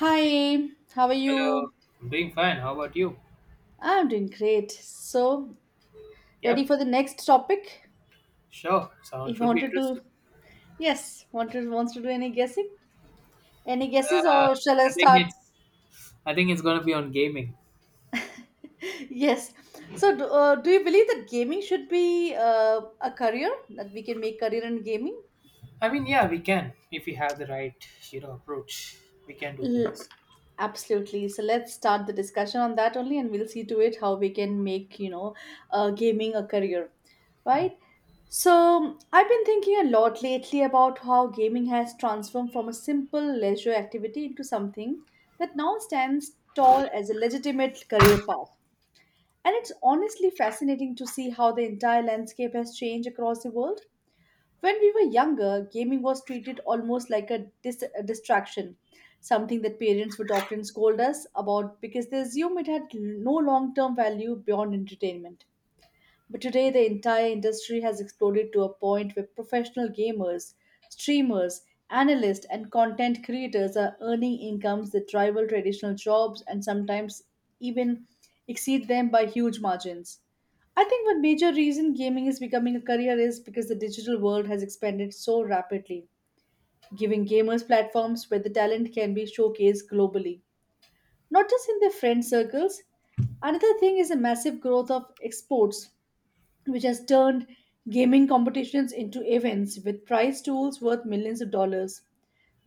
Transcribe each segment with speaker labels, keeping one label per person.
Speaker 1: Hi, how are
Speaker 2: Hello,
Speaker 1: you?
Speaker 2: I'm doing fine. How about you?
Speaker 1: I'm doing great. So, ready
Speaker 2: Yep,
Speaker 1: for the next topic?
Speaker 2: sure. Sound
Speaker 1: You
Speaker 2: should be
Speaker 1: wanted
Speaker 2: interesting.
Speaker 1: to, yes, wanted wants to do any guessing? Any guesses,
Speaker 2: Uh,
Speaker 1: or shall I
Speaker 2: I think
Speaker 1: start?
Speaker 2: it's I think it's gonna be on gaming.
Speaker 1: Yes. So, do you believe that gaming should be a career? That we can make career in gaming?
Speaker 2: I mean, yeah, we can if we have the right approach. We can do things.
Speaker 1: Absolutely. So let's start the discussion on that only, and we'll see to it how we can make gaming a career,
Speaker 2: Hmm.
Speaker 1: right? So I've been thinking a lot lately about how gaming has transformed from a simple leisure activity into something that now stands tall as a legitimate career path. And it's honestly fascinating to see how the entire landscape has changed across the world. When we were younger, gaming was treated almost like a distraction, something that parents would often scold us about because they assume it had no long term value beyond entertainment. But today, the entire industry has exploded to a point where professional gamers, streamers, analysts, and content creators are earning incomes that rival traditional jobs and sometimes even exceed them by huge margins. I think one major reason gaming is becoming a career is because the digital world has expanded so rapidly, giving gamers platforms where the talent can be showcased globally, not just in their friend circles. Another thing is the massive growth of exports which has turned gaming competitions into events with prize tools worth millions of dollars,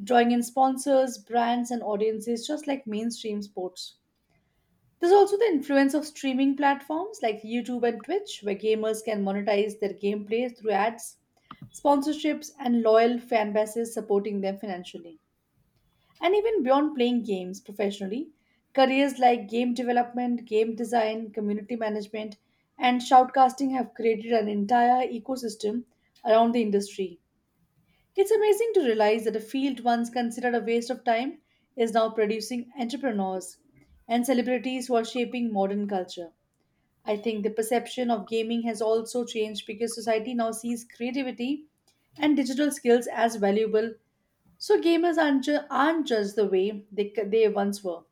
Speaker 1: drawing in sponsors, brands, and audiences just like mainstream sports. There's also the influence of streaming platforms like YouTube and Twitch, where gamers can monetize their gameplay through ads, sponsorships, and loyal fan bases supporting them financially. And even beyond playing games professionally, careers like game development, game design, community management, and shoutcasting have created an entire ecosystem around the industry. It's amazing to realize that a field once considered a waste of time is now producing entrepreneurs and celebrities who are shaping modern culture. I think the perception of gaming has also changed because society now sees creativity and digital skills as valuable, so gamers aren't just the way they once were.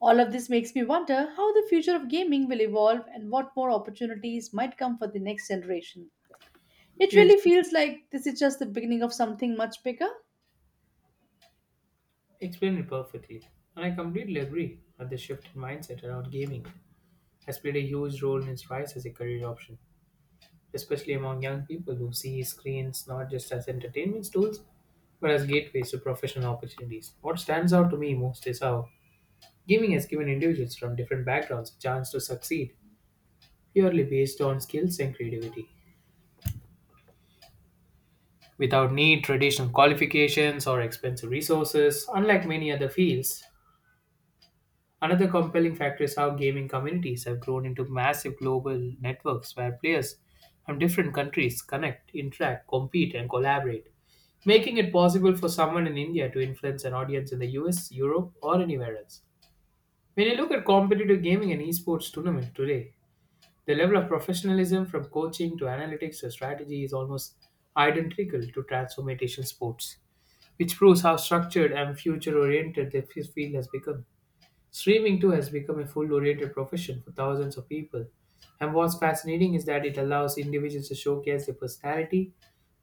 Speaker 1: All of this makes me wonder how the future of gaming will evolve and what more opportunities might come for the next generation. It
Speaker 2: You
Speaker 1: really feels like this is just the beginning of something much bigger.
Speaker 2: explained it perfectly, and I completely agree that the shift in mindset around gaming has played a huge role in its rise as a career option, especially among young people who see screens not just as entertainment tools but as gateways to professional opportunities. What stands out to me most is how gaming has given individuals from different backgrounds a chance to succeed purely based on skills and creativity. Without need traditional qualifications or expensive resources, unlike many other fields, another compelling factor is how gaming communities have grown into massive global networks where players from different countries connect, interact, compete, and collaborate, making it possible for someone in India to influence an audience in the US, Europe, or anywhere else. When you look at competitive gaming and esports tournament today, the level of professionalism from coaching to analytics to strategy is almost identical to transformational sports, which proves how structured and future oriented the field has become. Streaming too has become a full oriented profession for thousands of people. And what's fascinating is that it allows individuals to showcase their personality,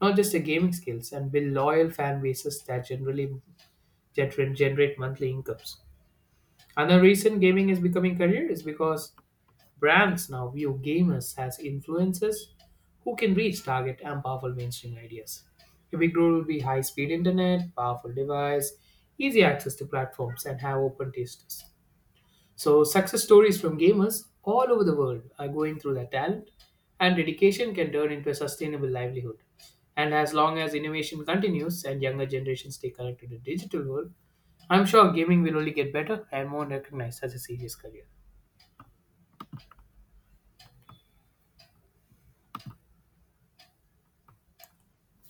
Speaker 2: not just their gaming skills, and build loyal fan bases that generally generate monthly incomes. Another reason gaming is becoming career is because brands now view gamers as influencers who can reach target and powerful mainstream ideas. A big role will be high speed internet, powerful device, easy access to platforms, and have open tastes. So, success stories from gamers all over the world are going through that talent, and dedication can turn into a sustainable livelihood. And as long as innovation continues and younger generations stay connected to the digital world, I'm sure gaming will only get better and more recognized as a serious career.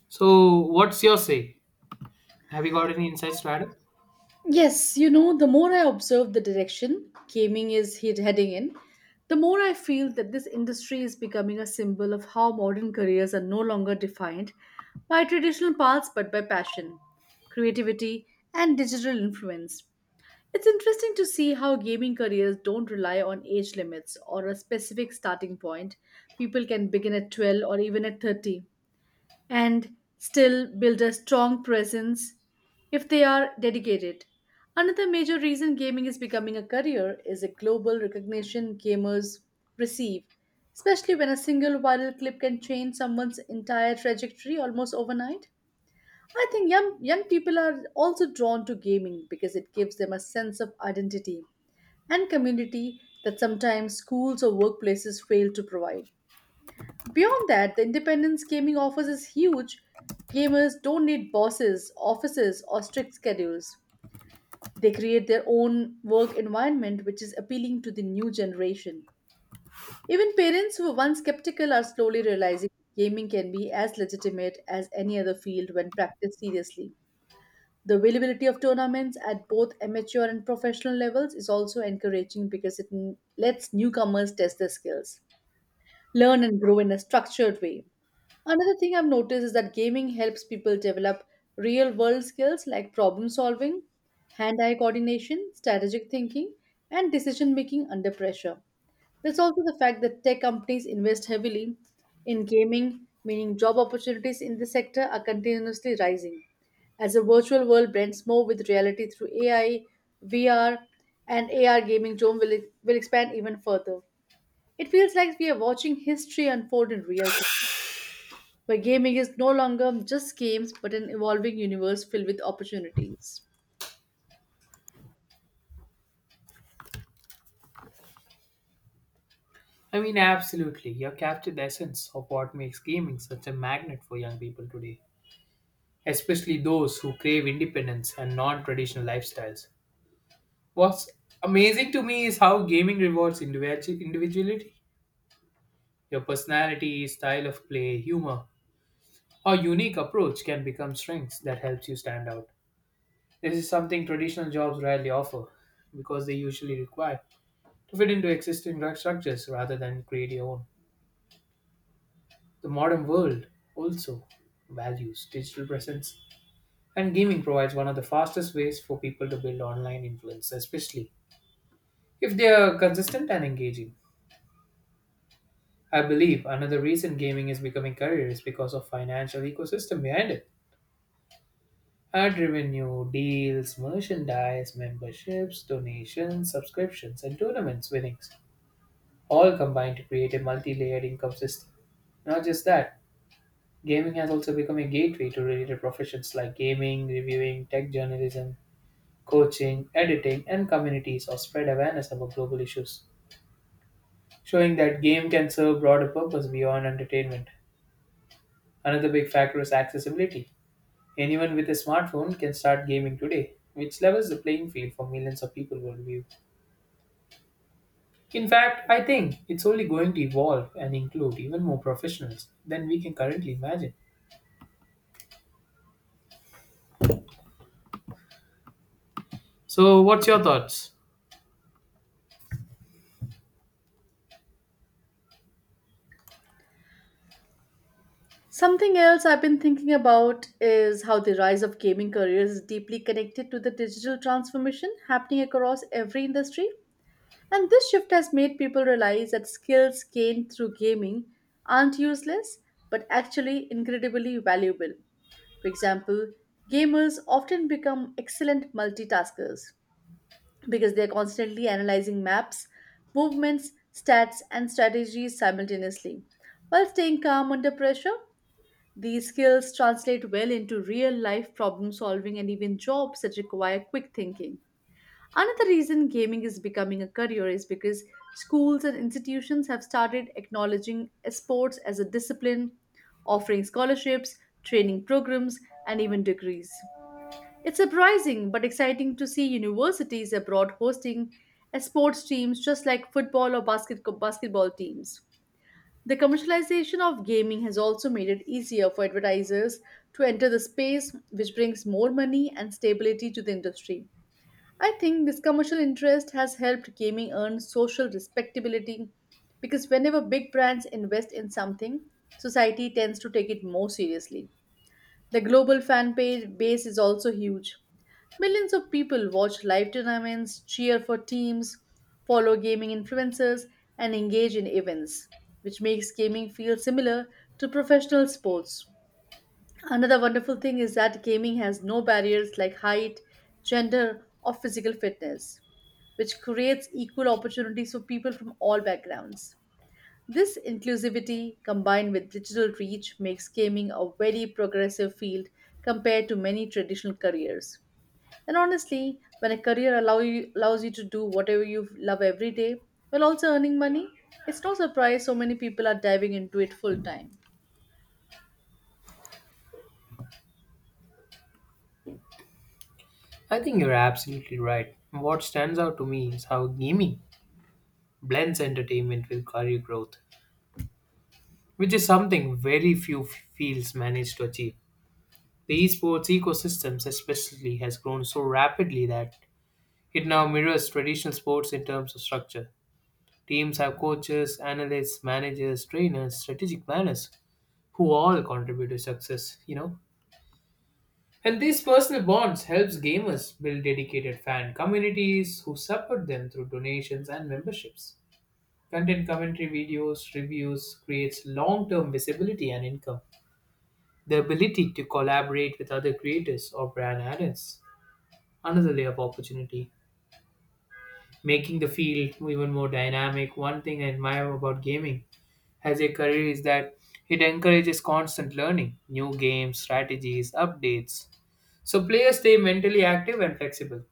Speaker 2: So, what's your say? Have you got any insights to add up?
Speaker 1: Yes, you know, the more I observe the direction gaming is heading in, the more I feel that this industry is becoming a symbol of how modern careers are no longer defined by traditional paths but by passion, creativity, and digital influence. It's interesting to see how gaming careers don't rely on age limits or a specific starting point. People can begin at 12 or even at 30 and still build a strong presence if they are dedicated. Another major reason gaming is becoming a career is the global recognition gamers receive, especially when a single viral clip can change someone's entire trajectory almost overnight. I think young people are also drawn to gaming because it gives them a sense of identity and community that sometimes schools or workplaces fail to provide. Beyond that, the independence gaming offers is huge. Gamers don't need bosses, offices, or strict schedules. They create their own work environment, which is appealing to the new generation. Even parents who were once skeptical are slowly realizing gaming can be as legitimate as any other field when practiced seriously. The availability of tournaments at both amateur and professional levels is also encouraging because it lets newcomers test their skills, learn and grow in a structured way. Another thing I've noticed is that gaming helps people develop real world skills like problem solving, hand eye coordination, strategic thinking, and decision making under pressure. There's also the fact that tech companies invest heavily in gaming, meaning job opportunities in this sector are continuously rising. As the virtual world blends more with reality through AI, VR, and AR gaming, Jome will expand even further. It feels like we are watching history unfold in real time, where gaming is no longer just games but an evolving universe filled with opportunities.
Speaker 2: I mean, absolutely. You have captured the essence of what makes gaming such a magnet for young people today, especially those who crave independence and non traditional lifestyles. What's amazing to me is how gaming rewards individuality. Your personality, style of play, humor, or unique approach can become strengths that helps you stand out. This is something traditional jobs rarely offer because they usually require to fit into existing structures rather than create your own. The modern world also values digital presence, and gaming provides one of the fastest ways for people to build online influence, especially if they are consistent and engaging. I believe another reason gaming is becoming career is because of financial ecosystem behind it. Ad revenue, deals, merchandise, memberships, donations, subscriptions, and tournaments winnings all combine to create a multi-layered income system. Not just that, gaming has also become a gateway to related professions like gaming, reviewing, tech journalism, coaching, editing, and communities or spread awareness about global issues, showing that game can serve broader purpose beyond entertainment. Another big factor is accessibility. Anyone with a smartphone can start gaming today, which levels the playing field for millions of people worldwide. In fact, I think it's only going to evolve and include even more professionals than we can currently imagine. So, what's your thoughts?
Speaker 1: Something else I've been thinking about is how the rise of gaming careers is deeply connected to the digital transformation happening across every industry. And this shift has made people realize that skills gained through gaming aren't useless, but actually incredibly valuable. For example, gamers often become excellent multitaskers because they're constantly analyzing maps, movements, stats, and strategies simultaneously while staying calm under pressure. These skills translate well into real life problem solving and even jobs that require quick thinking. Another reason gaming is becoming a career is because schools and institutions have started acknowledging sports as a discipline, offering scholarships, training programs, and even degrees. It's surprising but exciting to see universities abroad hosting sports teams just like football or basketball teams. The commercialization of gaming has also made it easier for advertisers to enter the space, which brings more money and stability to the industry. I think this commercial interest has helped gaming earn social respectability because whenever big brands invest in something, society tends to take it more seriously. The global fan page base is also huge. Millions of people watch live tournaments, cheer for teams, follow gaming influencers, and engage in events, which makes gaming feel similar to professional sports. Another wonderful thing is that gaming has no barriers like height, gender, or physical fitness, which creates equal opportunities for people from all backgrounds. This inclusivity, combined with digital reach, makes gaming a very progressive field compared to many traditional careers. And honestly, when a career allows you to do whatever you love every day while also earning money, it's no surprise so many people are diving into it full time.
Speaker 2: I think you're absolutely right. What stands out to me is how gaming blends entertainment with career growth, which is something very few fields manage to achieve. The esports ecosystems, especially, has grown so rapidly that it now mirrors traditional sports in terms of structure. Teams have coaches, analysts, managers, trainers, strategic planners who all contribute to success. And these personal bonds helps gamers build dedicated fan communities who support them through donations and memberships. Content commentary videos, reviews creates long-term visibility and income. The ability to collaborate with other creators or brand adds another layer of opportunity, making the field even more dynamic. One thing I admire about gaming as a career is that it encourages constant learning, new games, strategies, updates. So players stay mentally active and flexible.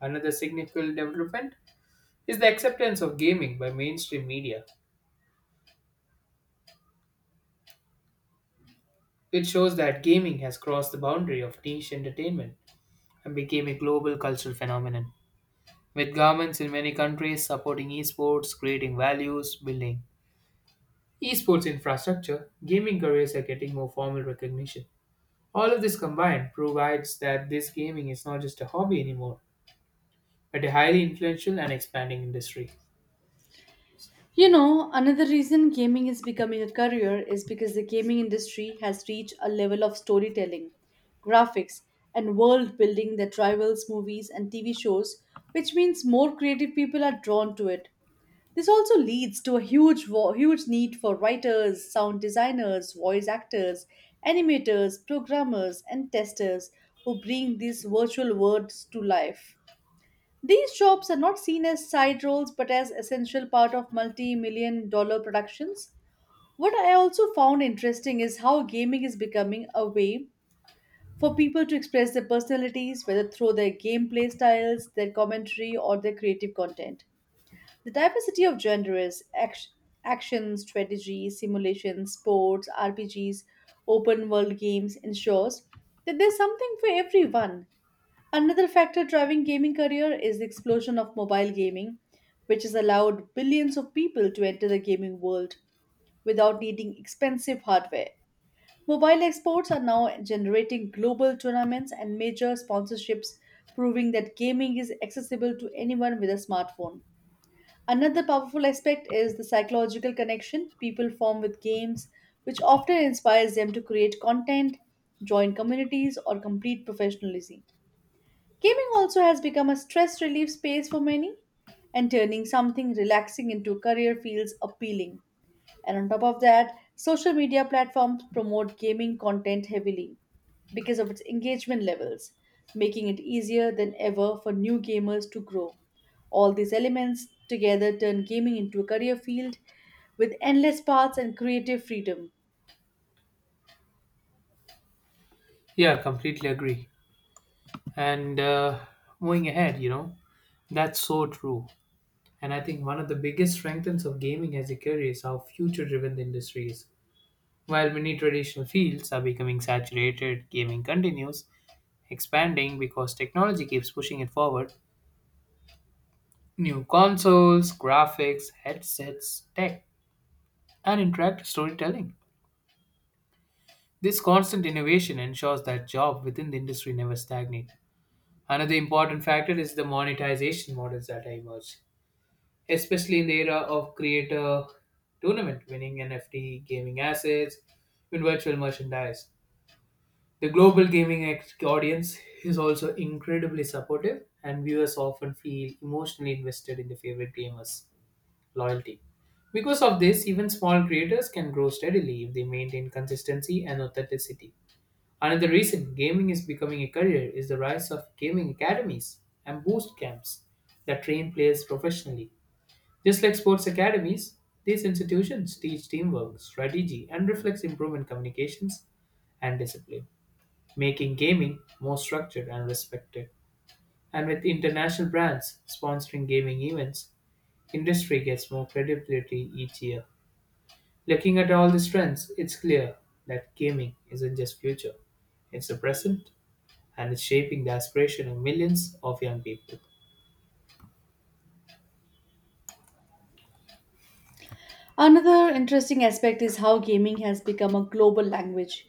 Speaker 2: Another significant development is the acceptance of gaming by mainstream media. It shows that gaming has crossed the boundary of niche entertainment and became a global cultural phenomenon, with governments in many countries supporting esports, creating values, building esports infrastructure, gaming careers are getting more formal recognition. All of this combined provides that this gaming is not just a hobby anymore, but a highly influential and expanding industry.
Speaker 1: You know, another reason gaming is becoming a career is because the gaming industry has reached a level of storytelling, graphics, and world building that rivals movies and TV shows, which means more creative people are drawn to it. This also leads to a huge need for writers, sound designers, voice actors, animators, programmers, and testers who bring these virtual worlds to life. These jobs are not seen as side roles but as essential part of multi-million dollar productions. What I also found interesting is how gaming is becoming a way for people to express their personalities, whether through their gameplay styles, their commentary, or their creative content. The diversity of genres, action, action strategy, simulation, sports, RPGs, open world games ensures that there's something for everyone. Another factor driving gaming career is the explosion of mobile gaming, which has allowed billions of people to enter the gaming world without needing expensive hardware. Mobile exports are now generating global tournaments and major sponsorships, proving that gaming is accessible to anyone with a smartphone. Another powerful aspect is the psychological connection people form with games, which often inspires them to create content, join communities, or complete professionalism. Gaming also has become a stress relief space for many, and turning something relaxing into a career feels appealing. And on top of that, social media platforms promote gaming content heavily because of its engagement levels, making it easier than ever for new gamers to grow. All these elements together turn gaming into a career field with endless paths and creative freedom.
Speaker 2: Yeah, completely agree. And moving ahead, that's so true. And I think one of the biggest strengths of gaming as a career is how future driven the industry is. While many traditional fields are becoming saturated, gaming continues expanding because technology keeps pushing it forward. New consoles, graphics, headsets, tech, and interactive storytelling. This constant innovation ensures that jobs within the industry never stagnate. Another important factor is the monetization models that have emerged, especially in the era of creator tournament winning NFT gaming assets with virtual merchandise. The global gaming audience is also incredibly supportive, and viewers often feel emotionally invested in their favorite gamers' loyalty. Because of this, even small creators can grow steadily if they maintain consistency and authenticity. Another reason gaming is becoming a career is the rise of gaming academies and boost camps that train players professionally. Just like sports academies, these institutions teach teamwork, strategy, and reflex improvement communications and discipline, making gaming more structured and respected. And with international brands sponsoring gaming events, industry gets more credibility each year. Looking at all these trends, it's clear that gaming isn't just future, it's the present and it's shaping the aspiration of millions of young people.
Speaker 1: Another interesting aspect is how gaming has become a global language.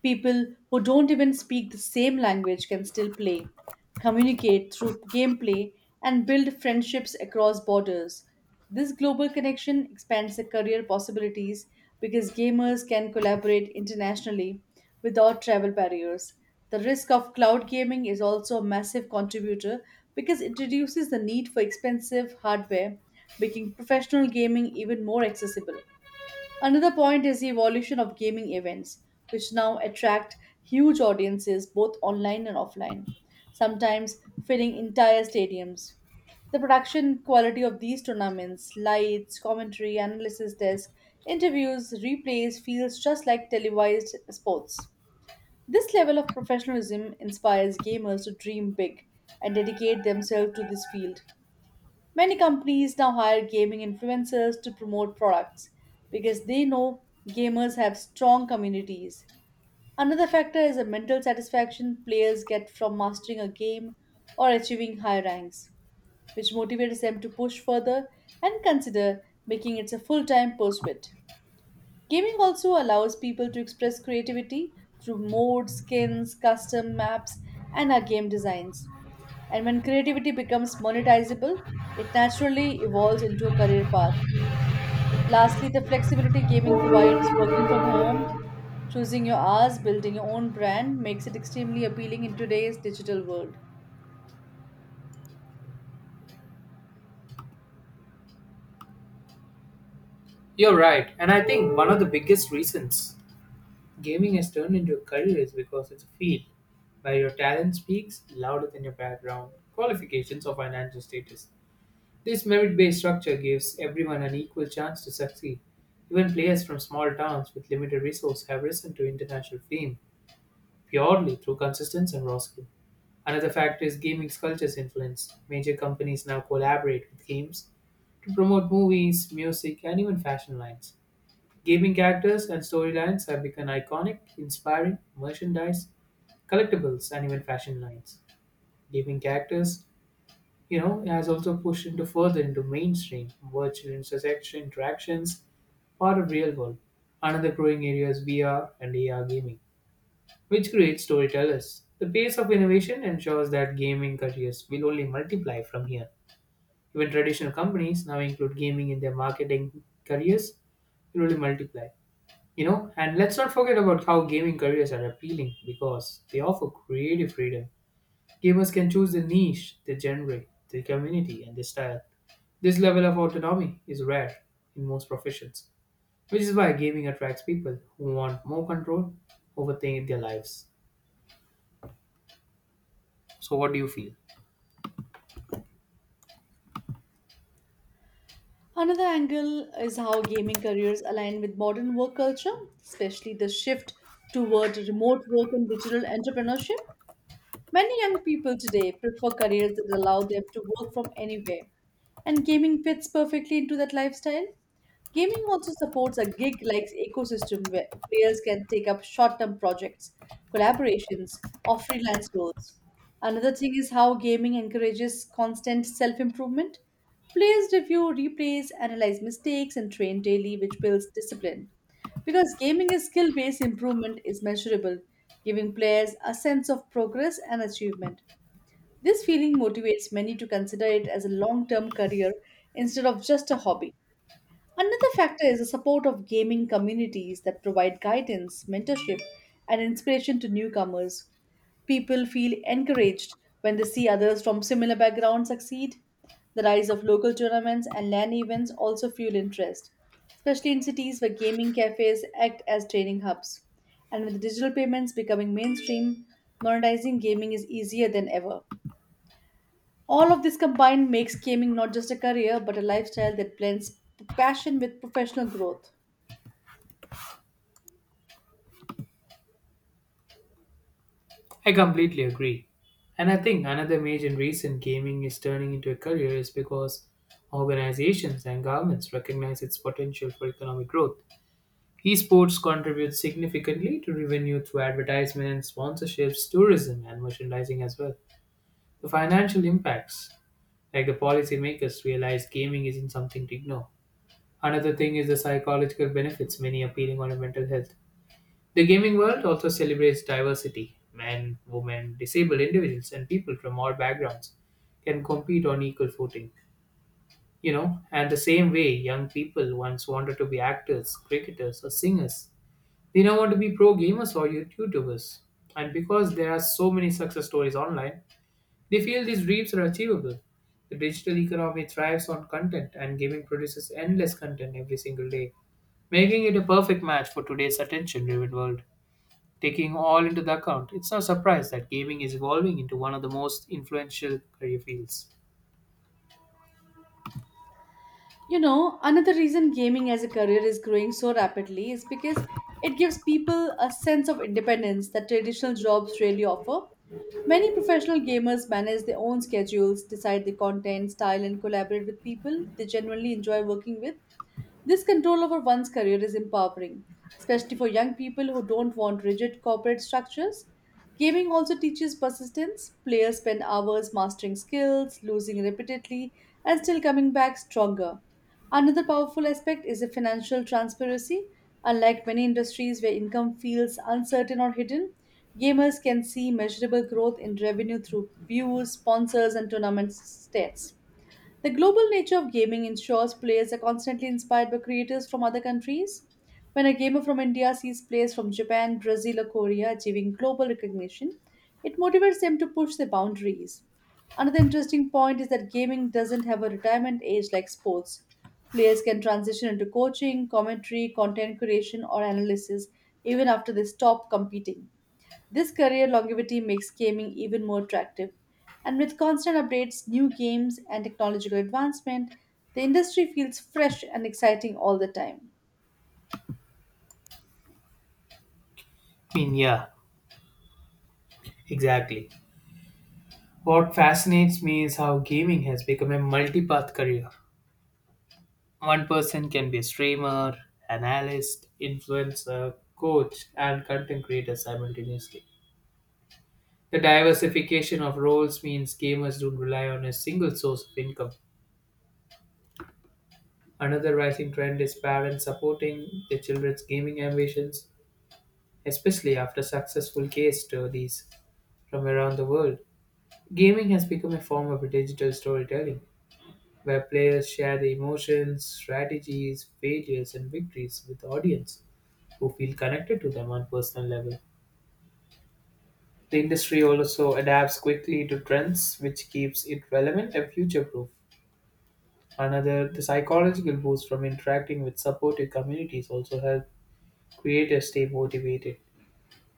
Speaker 1: People who don't even speak the same language can still play, communicate through gameplay, and build friendships across borders. This global connection expands the career possibilities because gamers can collaborate internationally without travel barriers. The risk of cloud gaming is also a massive contributor because it reduces the need for expensive hardware, making professional gaming even more accessible. Another point is the evolution of gaming events, which now attract huge audiences both online and offline, sometimes filling entire stadiums. The production quality of these tournaments, lights, commentary, analysis desk, interviews, replays, feels just like televised sports. This level of professionalism inspires gamers to dream big and dedicate themselves to this field. Many companies now hire gaming influencers to promote products because they know gamers have strong communities. Another factor is the mental satisfaction players get from mastering a game or achieving high ranks, which motivates them to push further and consider making it a full time pursuit. Gaming also allows people to express creativity through modes, skins, custom maps, and our game designs. And when creativity becomes monetizable, it naturally evolves into a career path. Lastly, the flexibility gaming provides, working from home, choosing your hours, building your own brand, makes it extremely appealing in today's digital world.
Speaker 2: You're right, and I think one of the biggest reasons gaming has turned into a career is because it's a field where your talent speaks louder than your background, qualifications, or financial status. This merit based structure gives everyone an equal chance to succeed. Even players from small towns with limited resources have risen to international fame purely through consistency and raw skill. Another factor is gaming culture's influence. Major companies now collaborate with games to promote movies, music, and even fashion lines. Gaming characters and storylines have become iconic, inspiring merchandise, collectibles, and even fashion lines. Gaming characters, has also pushed into further into mainstream virtual intersection interactions, part of real world. Another growing area is VR and AR gaming, which creates storytellers. The pace of innovation ensures that gaming careers will only multiply from here. Even traditional companies now include gaming in their marketing careers, it will only multiply. And let's not forget about how gaming careers are appealing because they offer creative freedom. Gamers can choose the niche, the genre, the community, and the style. This level of autonomy is rare in most professions, which is why gaming attracts people who want more control over things in their lives. So, what do you feel?
Speaker 1: Another angle is how gaming careers align with modern work culture, especially the shift toward remote work and digital entrepreneurship. Many young people today prefer careers that allow them to work from anywhere, and gaming fits perfectly into that lifestyle. Gaming also supports a gig like ecosystem where players can take up short term projects, collaborations, or freelance roles. Another thing is how gaming encourages constant self improvement. Players review, replays, analyze mistakes, and train daily, which builds discipline. Because gaming is skill based, improvement is measurable, giving players a sense of progress and achievement. This feeling motivates many to consider it as a long term career instead of just a hobby. Another factor is the support of gaming communities that provide guidance, mentorship, and inspiration to newcomers. People feel encouraged when they see others from similar backgrounds succeed. The rise of local tournaments and LAN events also fuel interest, especially in cities where gaming cafes act as training hubs. And with digital payments becoming mainstream, monetizing gaming is easier than ever. All of this combined makes gaming not just a career but a lifestyle that blends passion with professional growth.
Speaker 2: I completely agree. And I think another major reason gaming is turning into a career is because organizations and governments recognize its potential for economic growth. Esports contributes significantly to revenue through advertisements, sponsorships, tourism, and merchandising as well. The financial impacts, like the policymakers, realize gaming isn't something to ignore. Another thing is the psychological benefits, many appealing on mental health. The gaming world also celebrates diversity. Men, women, disabled individuals, and people from all backgrounds can compete on equal footing. And the same way young people once wanted to be actors, cricketers, or singers, they now want to be pro gamers or YouTubers. And because there are so many success stories online, they feel these dreams are achievable. The digital economy thrives on content, and gaming produces endless content every single day, making it a perfect match for today's attention driven world. Taking all into the account, it's no surprise that gaming is evolving into one of the most influential career fields.
Speaker 1: You know, another reason gaming as a career is growing so rapidly is because it gives people a sense of independence that traditional jobs rarely offer. Many professional gamers manage their own schedules, decide their content, style, and collaborate with people they genuinely enjoy working with. This control over one's career is empowering, especially for young people who don't want rigid corporate structures. Gaming also teaches persistence. Players spend hours mastering skills, losing repeatedly, and still coming back stronger. Another powerful aspect is the financial transparency. Unlike many industries where income feels uncertain or hidden, gamers can see measurable growth in revenue through views, sponsors, and tournament stats. The global nature of gaming ensures players are constantly inspired by creators from other countries. When a gamer from India sees players from Japan, Brazil, or Korea achieving global recognition, it motivates them to push their boundaries. Another interesting point is that gaming doesn't have a retirement age like sports. Players can transition into coaching, commentary, content creation, or analysis even after they stop competing. This career longevity makes gaming even more attractive. And with constant updates, new games, and technological advancement, the industry feels fresh and exciting all the time.
Speaker 2: I mean, yeah, exactly. What fascinates me is how gaming has become a multi path career. One person can be a streamer, analyst, influencer, coach, and content creator simultaneously. The diversification of roles means gamers don't rely on a single source of income. Another rising trend is parents supporting their children's gaming ambitions, especially after successful case studies from around the world. Gaming has become a form of digital storytelling where players share their emotions, strategies, failures, and victories with the audience, who feel connected to them on personal level. The industry also adapts quickly to trends, which keeps it relevant and future proof. The psychological boost from interacting with supportive communities also help creators stay motivated.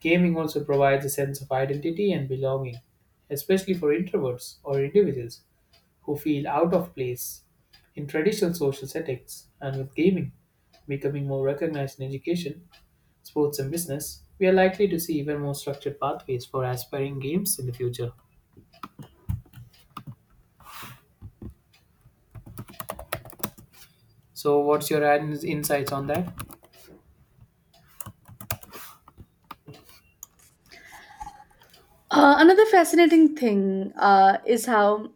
Speaker 2: Gaming also provides a sense of identity and belonging, especially for introverts or individuals who feel out of place in traditional social settings, and with gaming becoming more recognized in education sports, and business, we are likely to see even more structured pathways for aspiring games in the future. So, what's your insights on that?
Speaker 1: Another fascinating thing is how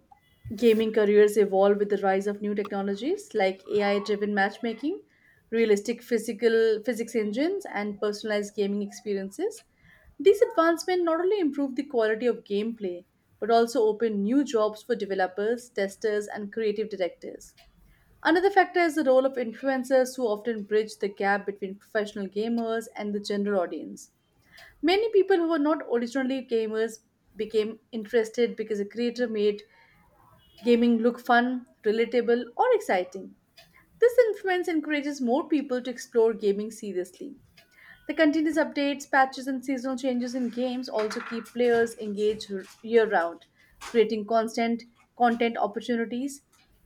Speaker 1: gaming careers evolve with the rise of new technologies like AI-driven matchmaking, realistic physical physics engines, and personalized gaming experiences. These advancements not only improve the quality of gameplay but also open new jobs for developers, testers, and creative directors. Another factor is the role of influencers who often bridge the gap between professional gamers and the general audience. Many people who were not originally gamers became interested because a creator made gaming look fun, relatable, or exciting. This influence encourages more people to explore gaming seriously. The continuous updates, patches, and seasonal changes in games also keep players engaged year round, creating constant content opportunities.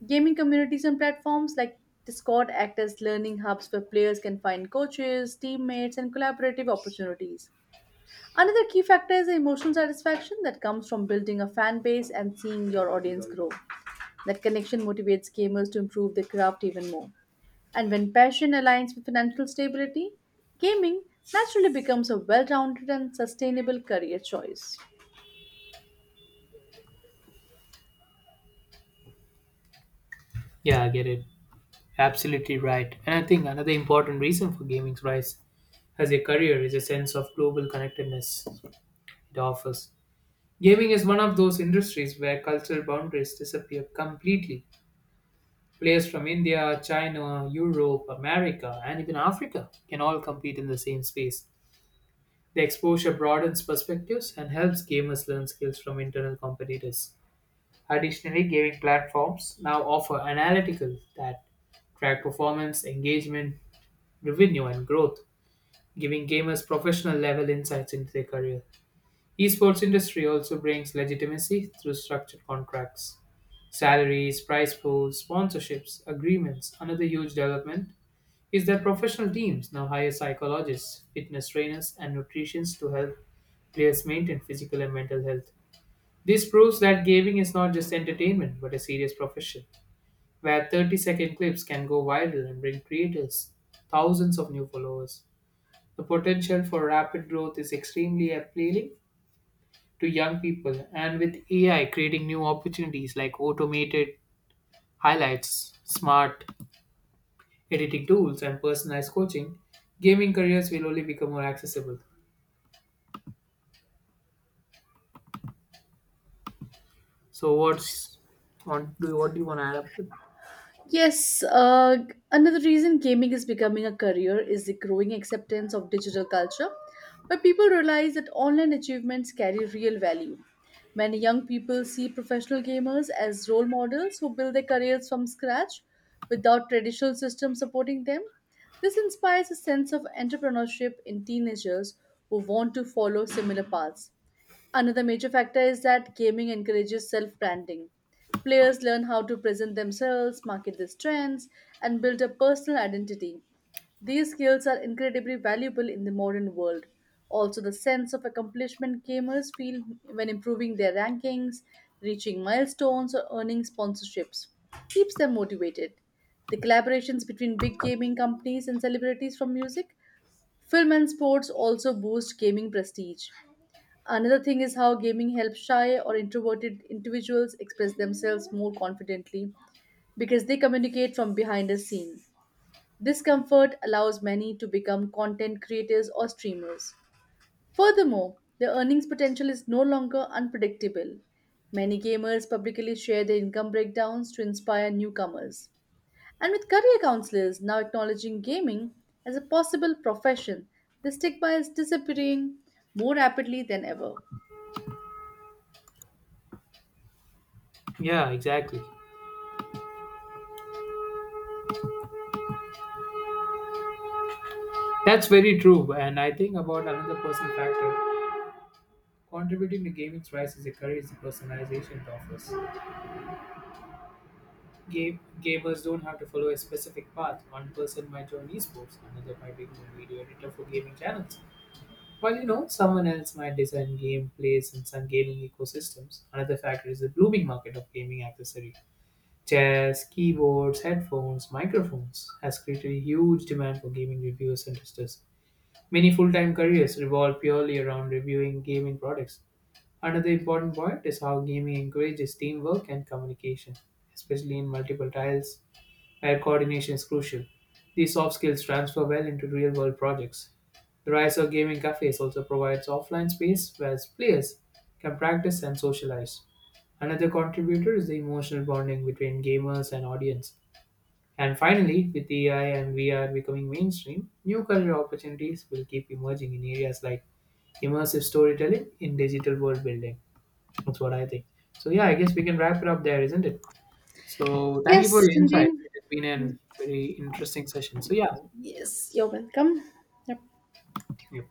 Speaker 1: Gaming communities and platforms like Discord act as learning hubs where players can find coaches, teammates, and collaborative opportunities. Another key factor is the emotional satisfaction that comes from building a fan base and seeing your audience grow. That connection motivates gamers to improve their craft even more. And when passion aligns with financial stability, gaming naturally becomes a well rounded and sustainable career choice.
Speaker 2: Yeah, I get it. Absolutely right. And I think another important reason for gaming's rise as a career is a sense of global connectedness it offers. Gaming is one of those industries where cultural boundaries disappear completely. Players from India, China, Europe, America, and even Africa can all compete in the same space. The exposure broadens perspectives and helps gamers learn skills from internal competitors. Additionally, gaming platforms now offer analytical that track performance, engagement, revenue, and growth, giving gamers professional level insights into their career. Esports industry also brings legitimacy through structured contracts, salaries, prize pools, sponsorships, agreements. Another huge development is that professional teams now hire psychologists, fitness trainers, and nutritionists to help players maintain physical and mental health. This proves that gaming is not just entertainment but a serious profession, where 30-second clips can go viral and bring creators thousands of new followers. The potential for rapid growth is extremely appealing to young people, and with AI creating new opportunities like automated highlights, smart editing tools, and personalized coaching, gaming careers will only become more accessible. So what do you want to add up with?
Speaker 1: Yes, another reason gaming is becoming a career is the growing acceptance of digital culture, where people realize that online achievements carry real value. Many young people see professional gamers as role models who build their careers from scratch without traditional systems supporting them. This inspires a sense of entrepreneurship in teenagers who want to follow similar paths. Another major factor is that gaming encourages self branding. Players learn how to present themselves, market their strengths, and build a personal identity. These skills are incredibly valuable in the modern world. Also, the sense of accomplishment gamers feel when improving their rankings, reaching milestones, or earning sponsorships keeps them motivated. The collaborations between big gaming companies and celebrities from music, film, and sports also boost gaming prestige. Another thing is how gaming helps shy or introverted individuals express themselves more confidently because they communicate from behind the scene. This comfort allows many to become content creators or streamers. Furthermore, the earnings potential is no longer unpredictable. Many gamers publicly share their income breakdowns to inspire newcomers. And with career counselors now acknowledging gaming as a possible profession, the stigma is disappearing more rapidly than ever.
Speaker 2: Yeah, exactly. That's very true. And I think about another personal factor. Contributing to gaming's rise is a career is the personalization it offers. Gamers don't have to follow a specific path. One person might join esports, another might become a video editor for gaming channels. While someone else might design gameplays and some gaming ecosystems. Another factor is the blooming market of gaming accessories. Chairs, keyboards, headphones, microphones has created a huge demand for gaming reviewers and testers. Many full time careers revolve purely around reviewing gaming products. Another important point is how gaming encourages teamwork and communication, especially in multiple tiles where coordination is crucial. These soft skills transfer well into real world projects. The rise of gaming cafes also provides offline space where players can practice and socialize. Another contributor is the emotional bonding between gamers and audience. And finally, with AI and VR becoming mainstream, new career opportunities will keep emerging in areas like immersive storytelling in digital world building. That's what I think. So, yeah, I guess we can wrap it up there, isn't it? So thank you for
Speaker 1: Yes,
Speaker 2: your
Speaker 1: indeed.
Speaker 2: insights. It has been a very interesting session. So yeah,
Speaker 1: Yes, you're welcome. Yep.
Speaker 2: yeah.